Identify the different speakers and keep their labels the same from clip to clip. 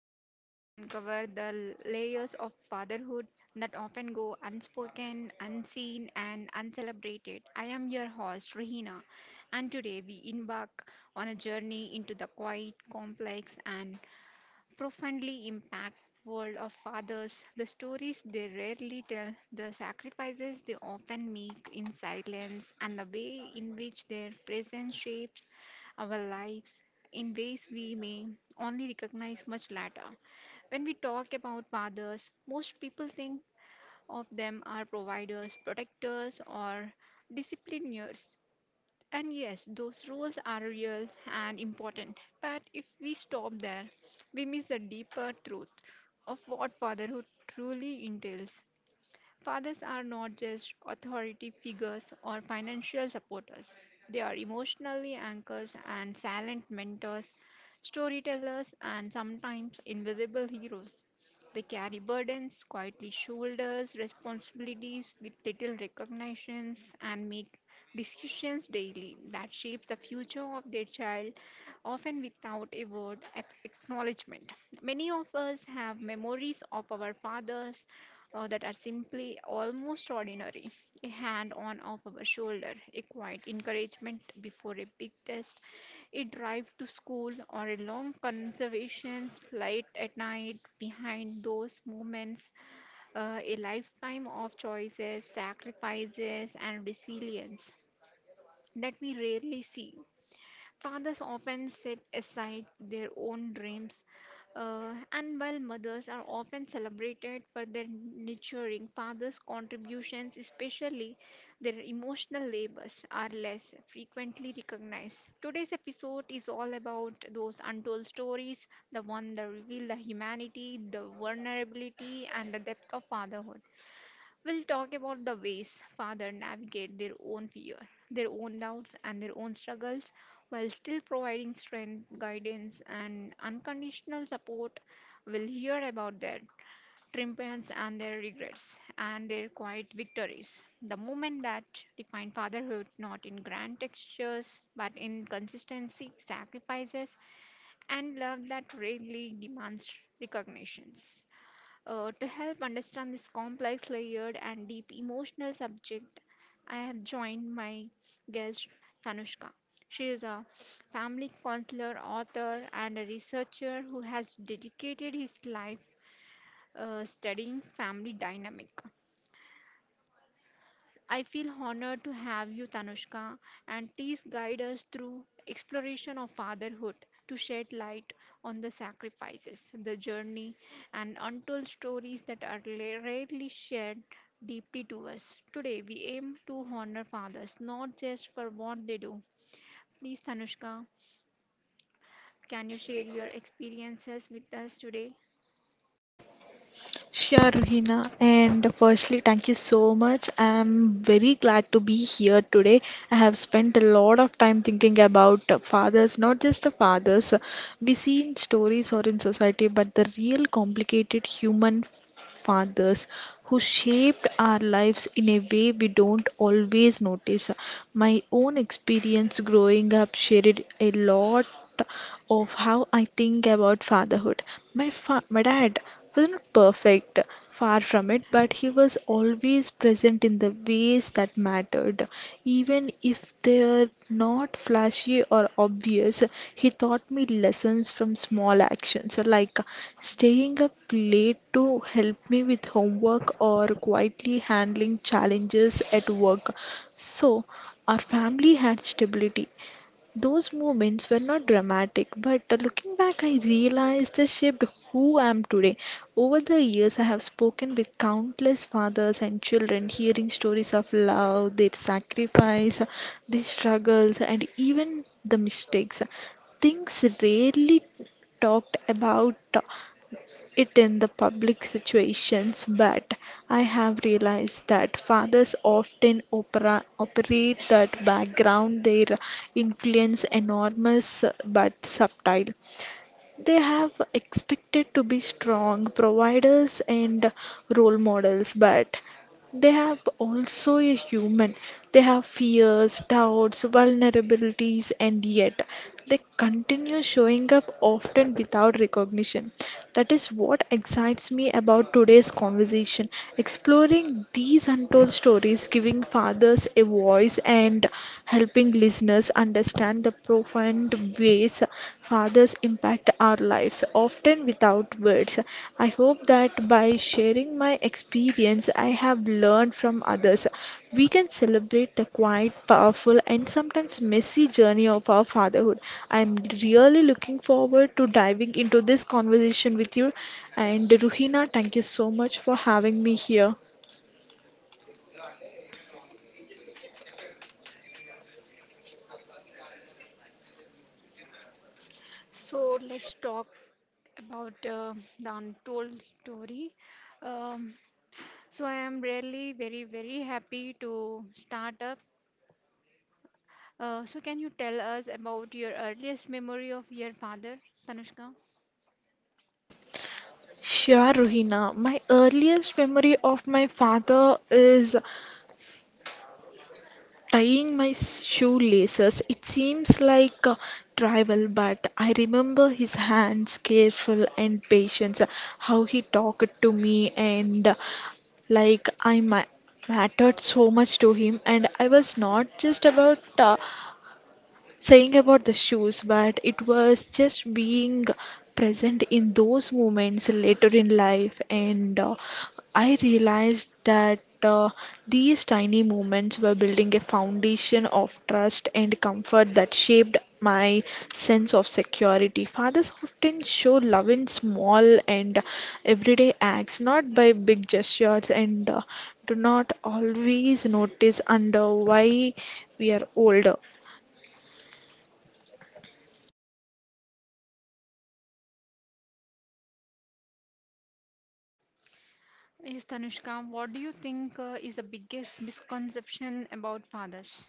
Speaker 1: that seeks to uncover the layers of fatherhood that often go unspoken, unseen, and uncelebrated. I am your host, Rahina, and today we embark on a journey into the quiet, complex, and profoundly impact world of fathers, the stories they rarely tell, the sacrifices they often make in silence, and the way in which their presence shapes our lives in ways we may only recognize much later. When we talk about fathers, most people think of them are providers, protectors, or discipliners, and yes, those rules are real and important. But if we stop there, we miss the deeper truth of what fatherhood truly entails. Fathers are not just authority figures or financial supporters. They are emotionally anchors and silent mentors, storytellers, and sometimes invisible heroes. They carry burdens, quietly shoulders responsibilities with little recognitions, and make decisions daily that shape the future of their child, often without a word of acknowledgement. Many of us have memories of our fathers that are simply almost ordinary. A hand on off our shoulder, a quiet encouragement before a big test, a drive to school, or a long conservation flight at night. Behind those moments, a lifetime of choices, sacrifices, and resilience that we rarely see. Fathers often set aside their own dreams, and while mothers are often celebrated for their nurturing, fathers' contributions, especially their emotional labors, are less frequently recognized. Today's episode is all about those untold stories, the one that reveal the humanity, the vulnerability, and the depth of fatherhood. We'll talk about the ways fathers navigate their own fear, their own doubts, and their own struggles while still providing strength, guidance, and unconditional support. We'll hear about their triumphs and their regrets and their quiet victories. The moment that define fatherhood not in grand gestures but in consistency, sacrifices, and love that rarely demands recognitions. To help understand this complex, layered, and deep emotional subject, I have joined my guest Tanushka. She is a family counselor, author, and a researcher who has dedicated his life studying family dynamic. I feel honored to have you, Tanushka, and please guide us through exploration of fatherhood to shed light on the sacrifices, the journey, and untold stories that are rarely shared deeply to us. Today, we aim to honor fathers, not just for what they do. Please, Tanushka, can you share your experiences with us today?
Speaker 2: Sure, Ruhina. And firstly, thank you so much. I'm very glad to be here today. I have spent a lot of time thinking about fathers, not just the fathers we see in stories or in society, but the real complicated human fathers who shaped our lives in a way we don't always notice. My own experience growing up shared a lot of how I think about fatherhood. My dad was not perfect, far from it, but he was always present in the ways that mattered. Even if they're not flashy or obvious, he taught me lessons from small actions like staying up late to help me with homework or quietly handling challenges at work. So, our family had stability, those moments were not dramatic, but looking back, I realized they shaped who I am today. Over the years, I have spoken with countless fathers and children, hearing stories of love, their sacrifice, their struggles, and even the mistakes. Things rarely talked about it in the public situations, but I have realized that fathers often operate that background. Their influence enormous but subtle, they have expected to be strong providers and role models, but they have also a human, they have fears, doubts, vulnerabilities, and yet they continue showing up often without recognition. That is what excites me about today's conversation, exploring these untold stories, giving fathers a voice and helping listeners understand the profound ways fathers impact our lives, often without words. I hope that by sharing my experience I have learned from others, we can celebrate the quiet, powerful, and sometimes messy journey of our fatherhood. I am really looking forward to diving into this conversation with you. And Ruhina, thank you so much for having me here.
Speaker 1: So, let's talk about the untold story. Um, So I am really very, very happy to start up. So can you tell us about your earliest memory of your father, Tanushka?
Speaker 2: Sure, Ruhina. My earliest memory of my father is tying my shoelaces. It seems like trivial, but I remember his hands, careful and patient, how he talked to me, and like mattered so much to him. And I was not just about saying about the shoes, but it was just being present in those moments later in life. And I realized that these tiny moments were building a foundation of trust and comfort that shaped my sense of security. Fathers often show love in small and everyday acts, not by big gestures, and do not always notice under why we are older.
Speaker 1: Yes, Tanushka, what do you think is the biggest misconception about fathers?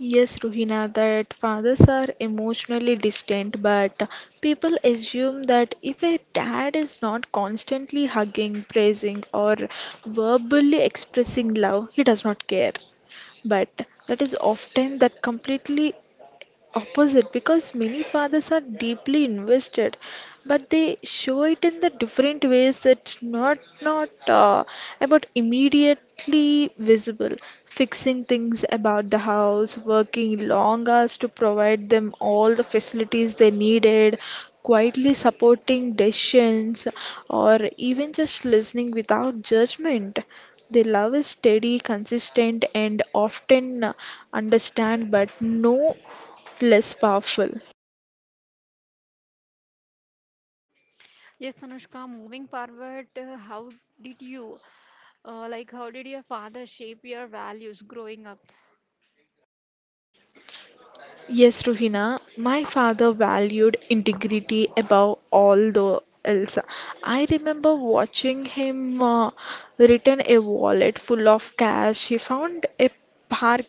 Speaker 2: Yes, Ruhina, that fathers are emotionally distant, but people assume that if a dad is not constantly hugging, praising, or verbally expressing love, he does not care. But that is often that completely opposite, because many fathers are deeply invested but they show it in the different ways, that's not about immediately visible, fixing things about the house, working long hours to provide them all the facilities they needed, quietly supporting decisions, or even just listening without judgment. Their love is steady, consistent, and often understand, but no less powerful.
Speaker 1: Yes, Tanushka, moving forward, did you, like, how did your father shape your values growing up?
Speaker 2: Yes, Ruhina, my father valued integrity above all the else. I remember watching him return a wallet full of cash. Park.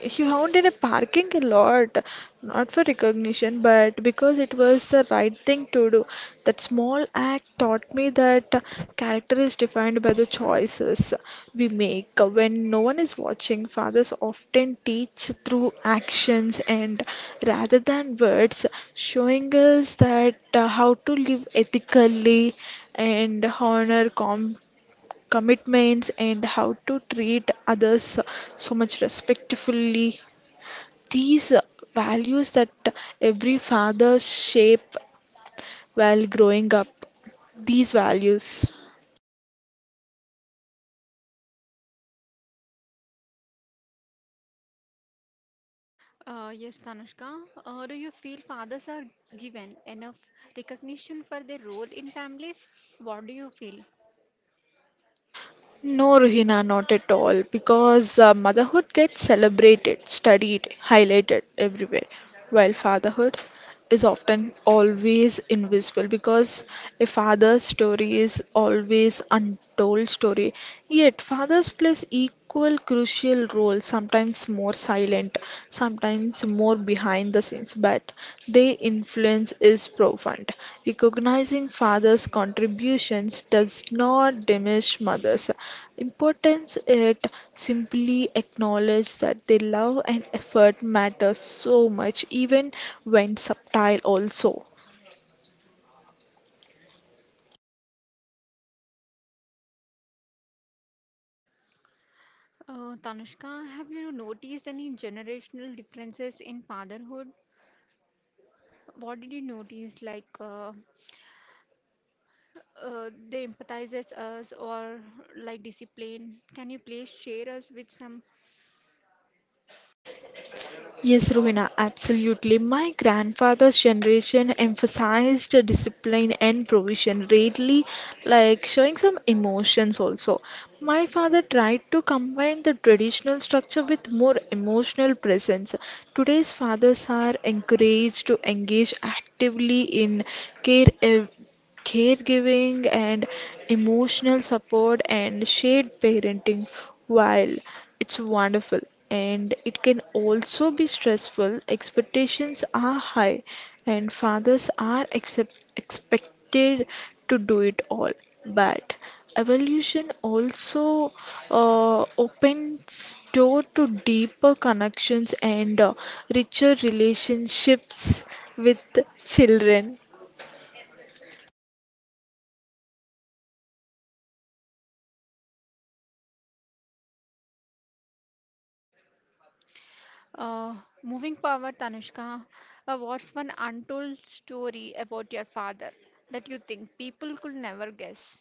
Speaker 2: He found in a parking lot, not for recognition, but because it was the right thing to do. That small act taught me that character is defined by the choices we make when no one is watching. Fathers often teach through actions and rather than words, showing us that how to live ethically and honor commitments, and how to treat others so much respectfully. These values that every father shape while growing up these values?
Speaker 1: Yes, Tanushka, do you feel fathers are given enough recognition for their role in families? What do you feel?
Speaker 2: No, Ruhina, not at all, because motherhood gets celebrated, studied, highlighted everywhere, while fatherhood is often always invisible, because a father's story is always untold story. Yet fathers plays equal crucial role, sometimes more silent, sometimes more behind the scenes, but they influence is profound. Recognizing father's contributions does not diminish mother's importance, it simply acknowledges that their love and effort matter so much, even when subtle, also.
Speaker 1: Tanushka, have you noticed any generational differences in fatherhood? What did you notice? They empathizes us or like discipline? Can you please share us with some?
Speaker 2: Yes, Rowena, absolutely. My grandfather's generation emphasized discipline and provision, really like showing some emotions also. My father tried to combine the traditional structure with more emotional presence. Today's fathers are encouraged to engage actively in care ev- caregiving and emotional support and shared parenting. While it's wonderful, and it can also be stressful, expectations are high and fathers are expected to do it all, but evolution also opens door to deeper connections and richer relationships with children.
Speaker 1: Uh, Moving forward, Tanushka, what's one untold story about your father that you think people could never guess?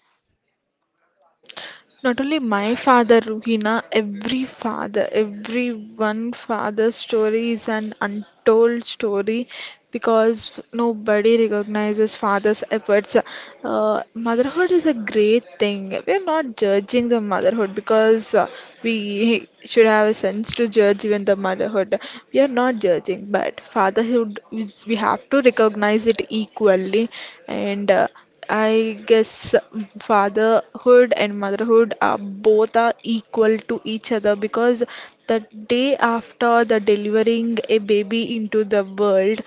Speaker 2: Not only my father, Ruhina, every father, every one father's story is an untold story, because nobody recognizes father's efforts. Motherhood is a great thing. We are not judging the motherhood, because we should have a sense to judge even the motherhood. We are not judging, but fatherhood is, we have to recognize it equally, and I guess fatherhood and motherhood are both are equal to each other, because the day after the delivering a baby into the world,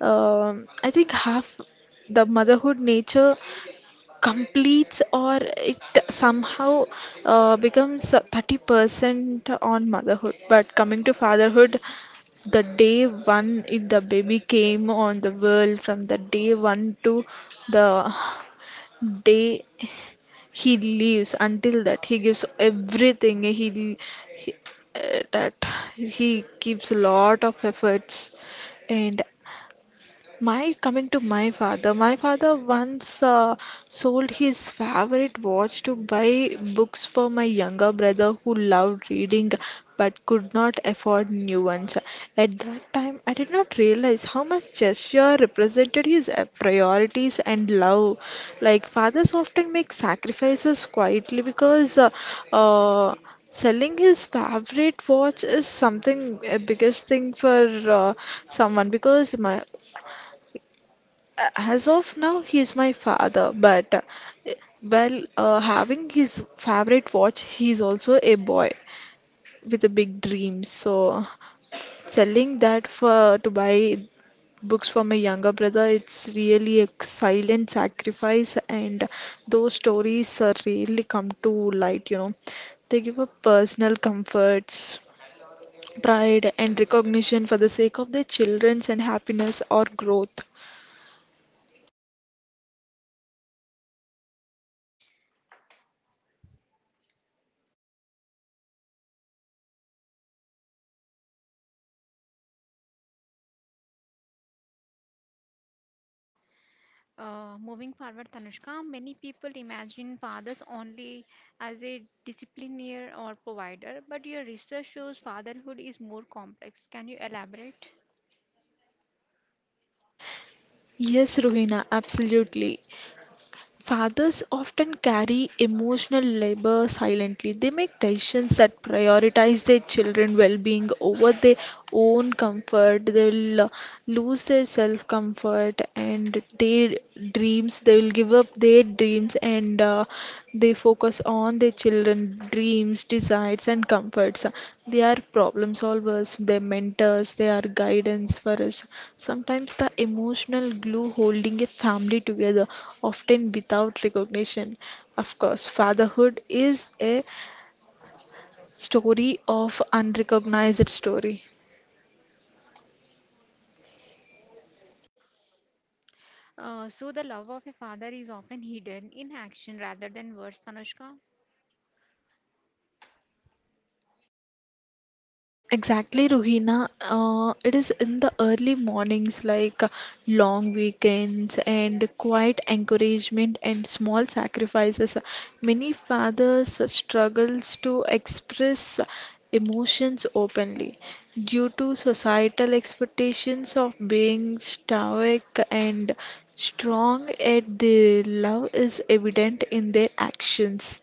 Speaker 2: I think half the motherhood nature completes or it somehow becomes 30% on motherhood. But coming to fatherhood, the day one it, the baby came on the world from the day one to the day he lives until that he gives everything he that he gives a lot of efforts. And my coming to my father once sold his favorite watch to buy books for my younger brother who loved reading but could not afford new ones. At that time, I did not realize how much gesture represented his priorities and love. Like fathers often make sacrifices quietly, because uh, selling his favorite watch is something a biggest thing for someone, because my as of now he is my father, but having his favorite watch, he is also a boy with a big dream, so selling that for to buy books for my younger brother, it's really a silent sacrifice, and those stories are really come to light. They give up personal comforts, pride, and recognition for the sake of their children's and happiness or growth.
Speaker 1: Moving forward, Tanushka, many people imagine fathers only as a discipliner or provider, but your research shows fatherhood is more complex. Can you elaborate?
Speaker 2: Yes, Ruhina, absolutely. Fathers often carry emotional labor silently. They make decisions that prioritize their children's well being over their own comfort. They will lose their self comfort and their dreams. They will give up their dreams, and they focus on their children dreams, desires, and comforts. They are problem solvers, they're mentors, they are guidance for us, sometimes the emotional glue holding a family together, often without recognition. Of course, fatherhood is a story of unrecognized story.
Speaker 1: So, the love of a father is often hidden in action rather than words, Tanushka.
Speaker 2: Exactly, Ruhina. It is in the early mornings, like long weekends and quiet encouragement and small sacrifices. Many fathers struggles to express emotions openly due to societal expectations of being stoic and strong. At their love is evident in their actions.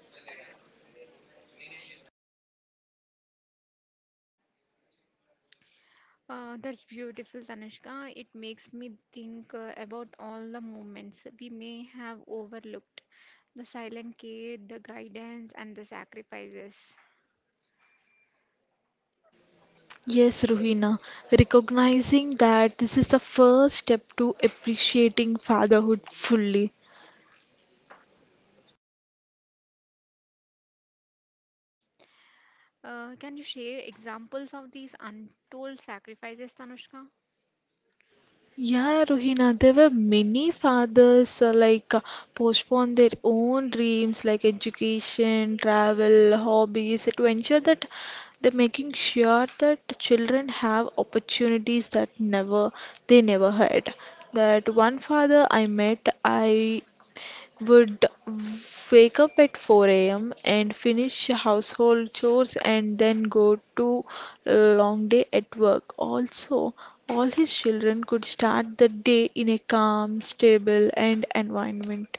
Speaker 1: That's beautiful, Tanushka. It makes me think about all the moments we may have overlooked, the silent care, the guidance, and the sacrifices.
Speaker 2: Yes, Ruhina, recognizing that this is the first step to appreciating fatherhood fully.
Speaker 1: Can you share examples of these untold sacrifices, Tanushka?
Speaker 2: Yeah, Rohina. There were many fathers postpone their own dreams like education, travel, hobbies to ensure that they're making sure that children have opportunities that never they never had. That one father I met, I would wake up at 4 a.m. and finish household chores, and then go to a long day at work. Also, all his children could start the day in a calm, stable, and environment.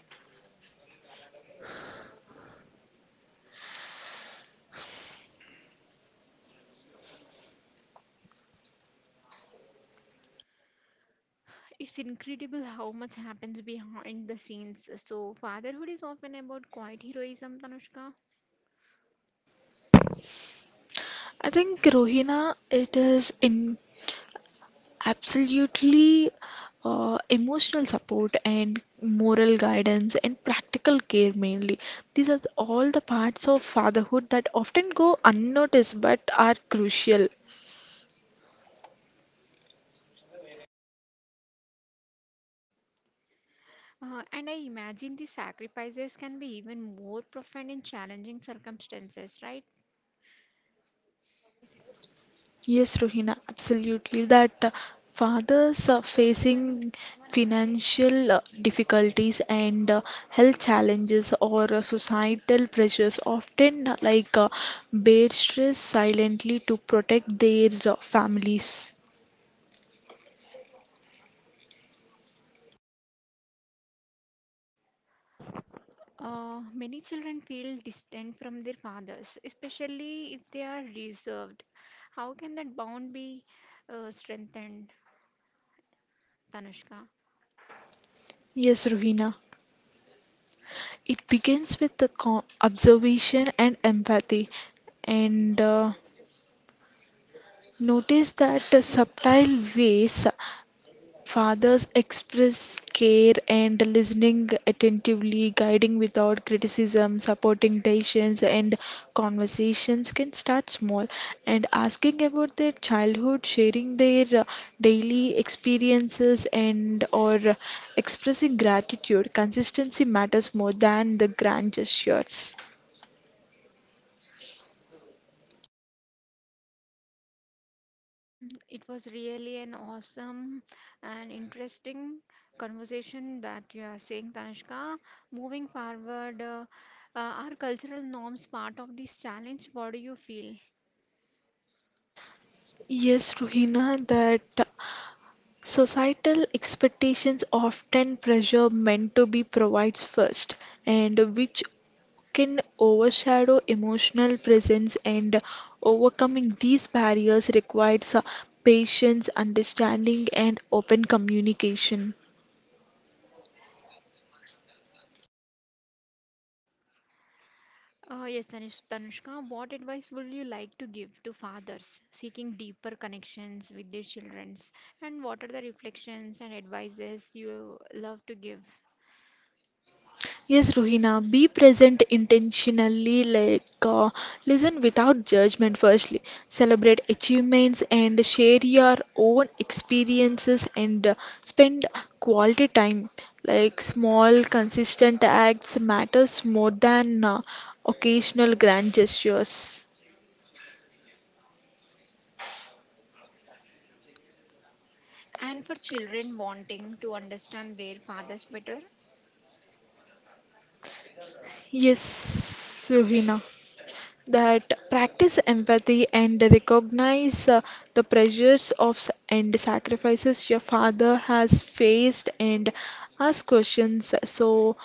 Speaker 1: It's incredible how much happens behind the scenes. So, fatherhood is often about quiet heroism, Tanushka.
Speaker 2: I think Rohina, it is in absolutely emotional support and moral guidance and practical care mainly. These are all the parts of fatherhood that often go unnoticed but are crucial.
Speaker 1: And I imagine these sacrifices can be even more profound in challenging circumstances, right?
Speaker 2: Yes, Rohina, absolutely. That fathers are facing financial difficulties and health challenges or societal pressures often bear stress silently to protect their families.
Speaker 1: Many children feel distant from their fathers, especially if they are reserved. How can that bond be strengthened, Tanushka?
Speaker 2: Yes, Rohina. It begins with the observation and empathy, and notice that subtle ways fathers express care, and listening attentively, guiding without criticism, supporting decisions, and conversations can start small, and asking about their childhood, sharing their daily experiences, and or expressing gratitude. Consistency matters more than the grand gestures.
Speaker 1: It was really an awesome and interesting conversation that you are saying, Tanishka. Moving forward, are cultural norms part of this challenge? What do you feel?
Speaker 2: Yes, Ruhina, that societal expectations often pressure men to be provides first, and which can overshadow emotional presence, and overcoming these barriers requires patience, understanding, and open communication.
Speaker 1: Yes, Tanishka, what advice would you like to give to fathers seeking deeper connections with their children? And what are the reflections and advices you love to give?
Speaker 2: Yes, Ruhina, be present intentionally, like listen without judgment firstly, celebrate achievements, and share your own experiences, and spend quality time. Like small, consistent acts matters more than occasional grand gestures.
Speaker 1: And for children wanting to understand their fathers better,
Speaker 2: Yes, Ruhina. That practice empathy and recognize the pressures of and sacrifices your father has faced, and ask questions, so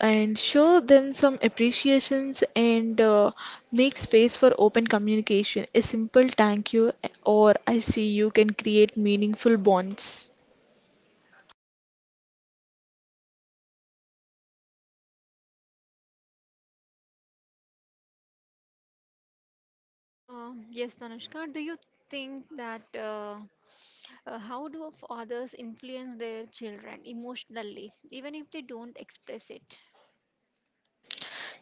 Speaker 2: and show them some appreciations, and make space for open communication. A simple thank you, or I see you, can create meaningful bonds.
Speaker 1: Yes, Tanushka, do you think that how do fathers influence their children emotionally, even if they don't express it?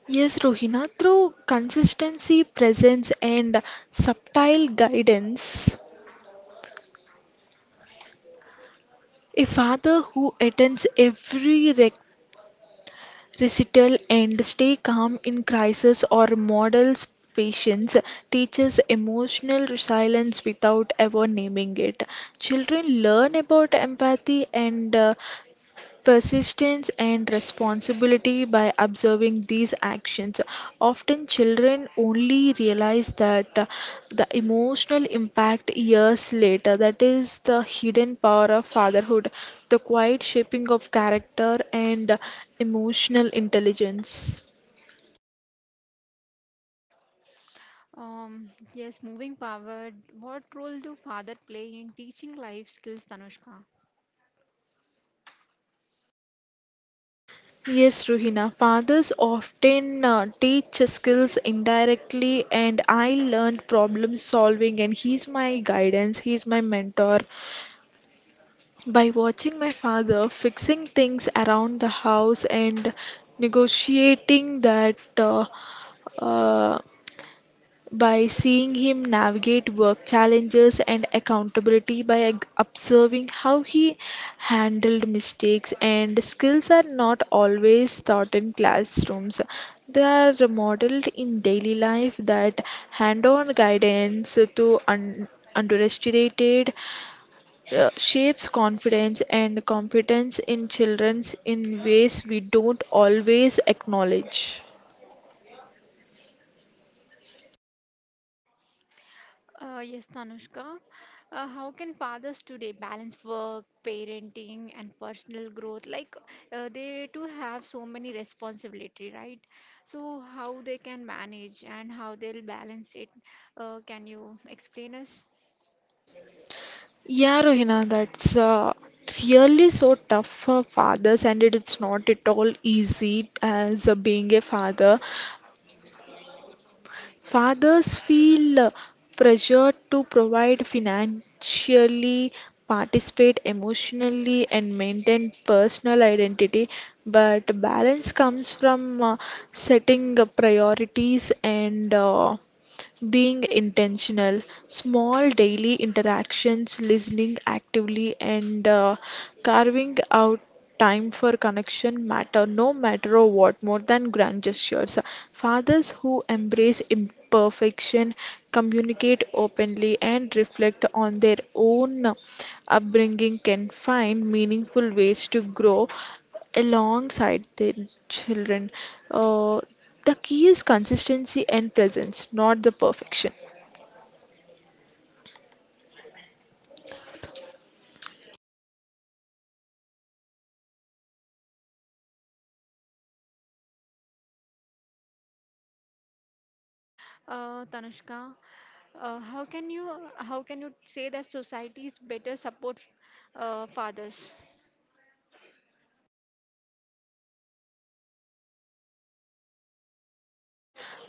Speaker 2: Yes, Rohina, through consistency, presence, and subtle guidance, a father who attends every recital and stay calm in crisis or models patience teaches emotional resilience without ever naming it. Children learn about empathy and persistence and responsibility by observing these actions. Often, children only realize that the emotional impact years later. That is the hidden power of fatherhood, the quiet shaping of character and emotional intelligence.
Speaker 1: Yes, moving forward, what role do father play in teaching life skills, Tanushka?
Speaker 2: Yes, Ruhina. Fathers often teach skills indirectly, and I learned problem solving, and he's my guidance, he's my mentor, by watching my father fixing things around the house and negotiating that, uh, by seeing him navigate work challenges and accountability, by observing how he handled mistakes, and skills are not always taught in classrooms. They are modeled in daily life, that hand on guidance to underestimated shapes confidence and competence in children in ways we don't always acknowledge.
Speaker 1: Yes, Tanushka. How can fathers today balance work, parenting, and personal growth? Like they too have so many responsibility, right? So how they can manage and how they'll balance it? Can you explain us,
Speaker 2: Yeah, Rohina, that's really so tough for fathers, and it's not at all easy as being a father. Fathers feel pressure to provide financially, participate emotionally, and maintain personal identity, but balance comes from setting priorities and being intentional, small daily interactions, listening actively, and carving out time for connection matter no matter what more than grand gestures. Fathers who embrace imperfection, communicate openly, and reflect on their own upbringing can find meaningful ways to grow alongside their children. Uh, the key is consistency and presence, not the perfection.
Speaker 1: Tanushka? How can you how can you say that society is better support fathers?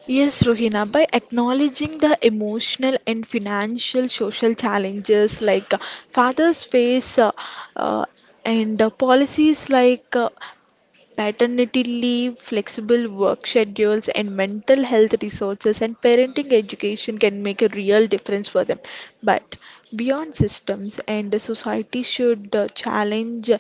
Speaker 2: Yes, Rohina, by acknowledging the emotional and financial social challenges, like fathers face uh, and policies like paternity leave, flexible work schedules, and mental health resources and parenting education can make a real difference for them. But beyond systems, and the society should challenge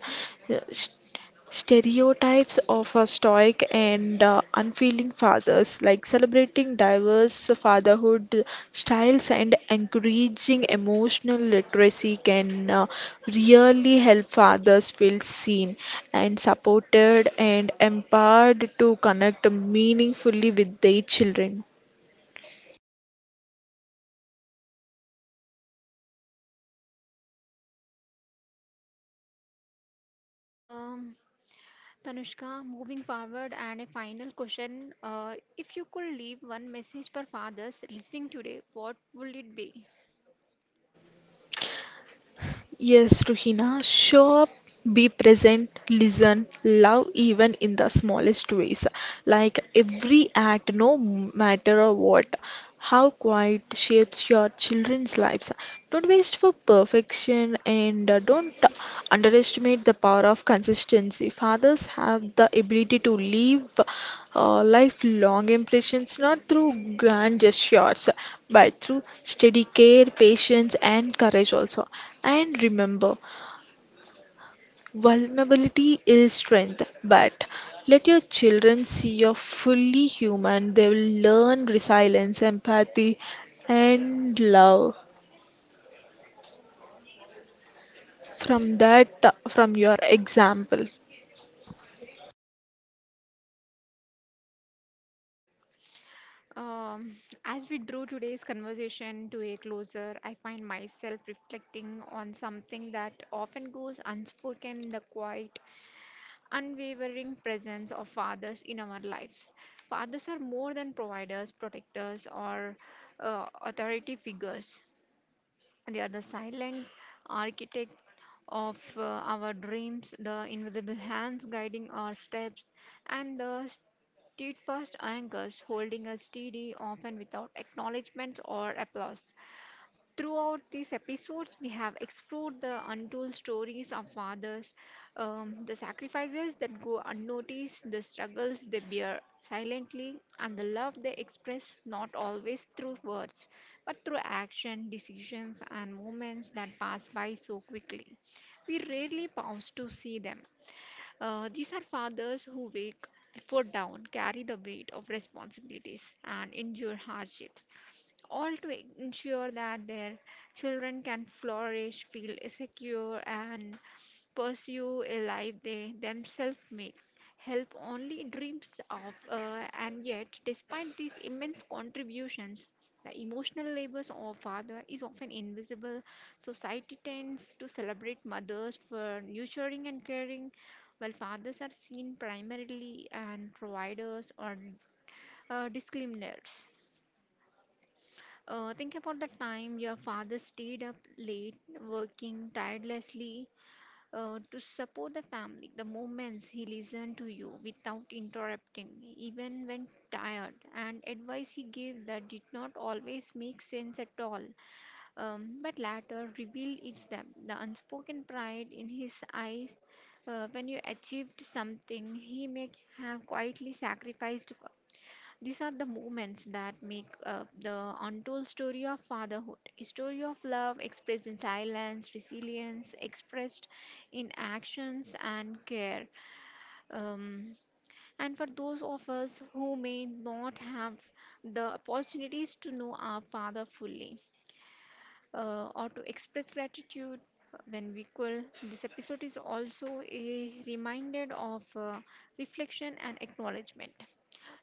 Speaker 2: stereotypes of a stoic and unfeeling fathers, like celebrating diverse fatherhood styles and encouraging emotional literacy, can really help fathers feel seen and supported and empowered to connect meaningfully with their children.
Speaker 1: Um, Tanushka, moving forward, and a final question. If you could leave one message for fathers listening today, what would it be?
Speaker 2: Yes, Ruhina, show up, be present, listen, love even in the smallest ways. Like every act, no matter what, how quiet shapes your children's lives. Don't waste for perfection, and don't underestimate the power of consistency. Fathers have the ability to leave lifelong impressions not through grand gestures but through steady care, patience, and courage also. And remember, vulnerability is strength, but let your children see you're fully human. They will learn resilience, empathy, and love from that, from your example.
Speaker 1: Um, as we drew today's conversation to a closer, I find myself reflecting on something that often goes unspoken, the quiet, unwavering presence of fathers in our lives. Fathers are more than providers, protectors, or authority figures. They are the silent architect of our dreams, the invisible hands guiding our steps, and the steadfast anchors holding us steady, often without acknowledgments or applause. Throughout these episodes, we have explored the untold stories of fathers, the sacrifices that go unnoticed, the struggles they bear silently, and the love they express not always through words, but through action, decisions, and moments that pass by so quickly. We rarely pause to see them. These are fathers who wake before dawn, carry the weight of responsibilities, and endure hardships all to ensure that their children can flourish, feel secure, and pursue a life they themselves make. Help only dreams of, and yet, despite these immense contributions, the emotional labors of father is often invisible. Society tends to celebrate mothers for nurturing and caring, while fathers are seen primarily as providers or discipliners. Think about the time your father stayed up late, working tirelessly to support the family, the moments he listened to you without interrupting, even when tired, and advice he gave that did not always make sense at all, but later revealed its depth, the unspoken pride in his eyes when you achieved something he may have quietly sacrificed, these are the moments that make up the untold story of fatherhood, a story of love expressed in silence, resilience, expressed in actions and care. Um, and for those of us who may not have the opportunities to know our father fully or to express gratitude when we could, this episode is also a reminder of reflection and acknowledgement.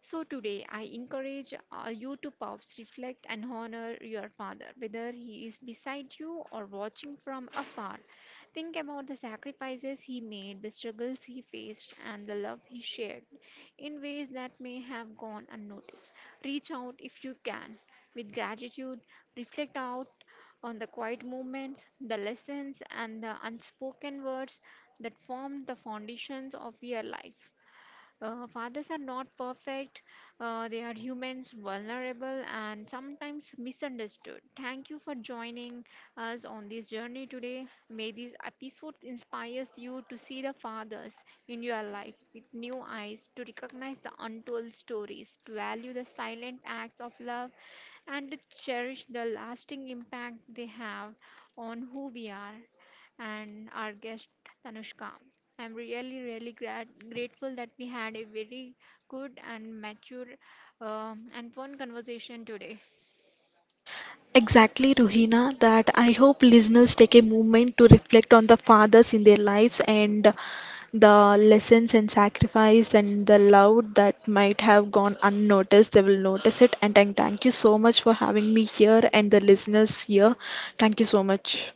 Speaker 1: So today, I encourage you to pause, reflect, and honor your father, whether he is beside you or watching from afar. Think about the sacrifices he made, the struggles he faced, and the love he shared in ways that may have gone unnoticed. Reach out if you can with gratitude, reflect out on the quiet moments, the lessons, and the unspoken words that formed the foundations of your life. Fathers are not perfect, they are humans, vulnerable, and sometimes misunderstood. Thank you for joining us on this journey today. May this episode inspires you to see the fathers in your life with new eyes, to recognize the untold stories, to value the silent acts of love and to cherish the lasting impact they have on who we are, and our guest Tanushka. I'm really, really grateful that we had a very good and mature and fun conversation today.
Speaker 2: Exactly, Ruhina, that I hope listeners take a moment to reflect on the fathers in their lives and the lessons and sacrifice and the love that might have gone unnoticed. They will notice it. And I thank you so much for having me here and the listeners here. Thank you so much.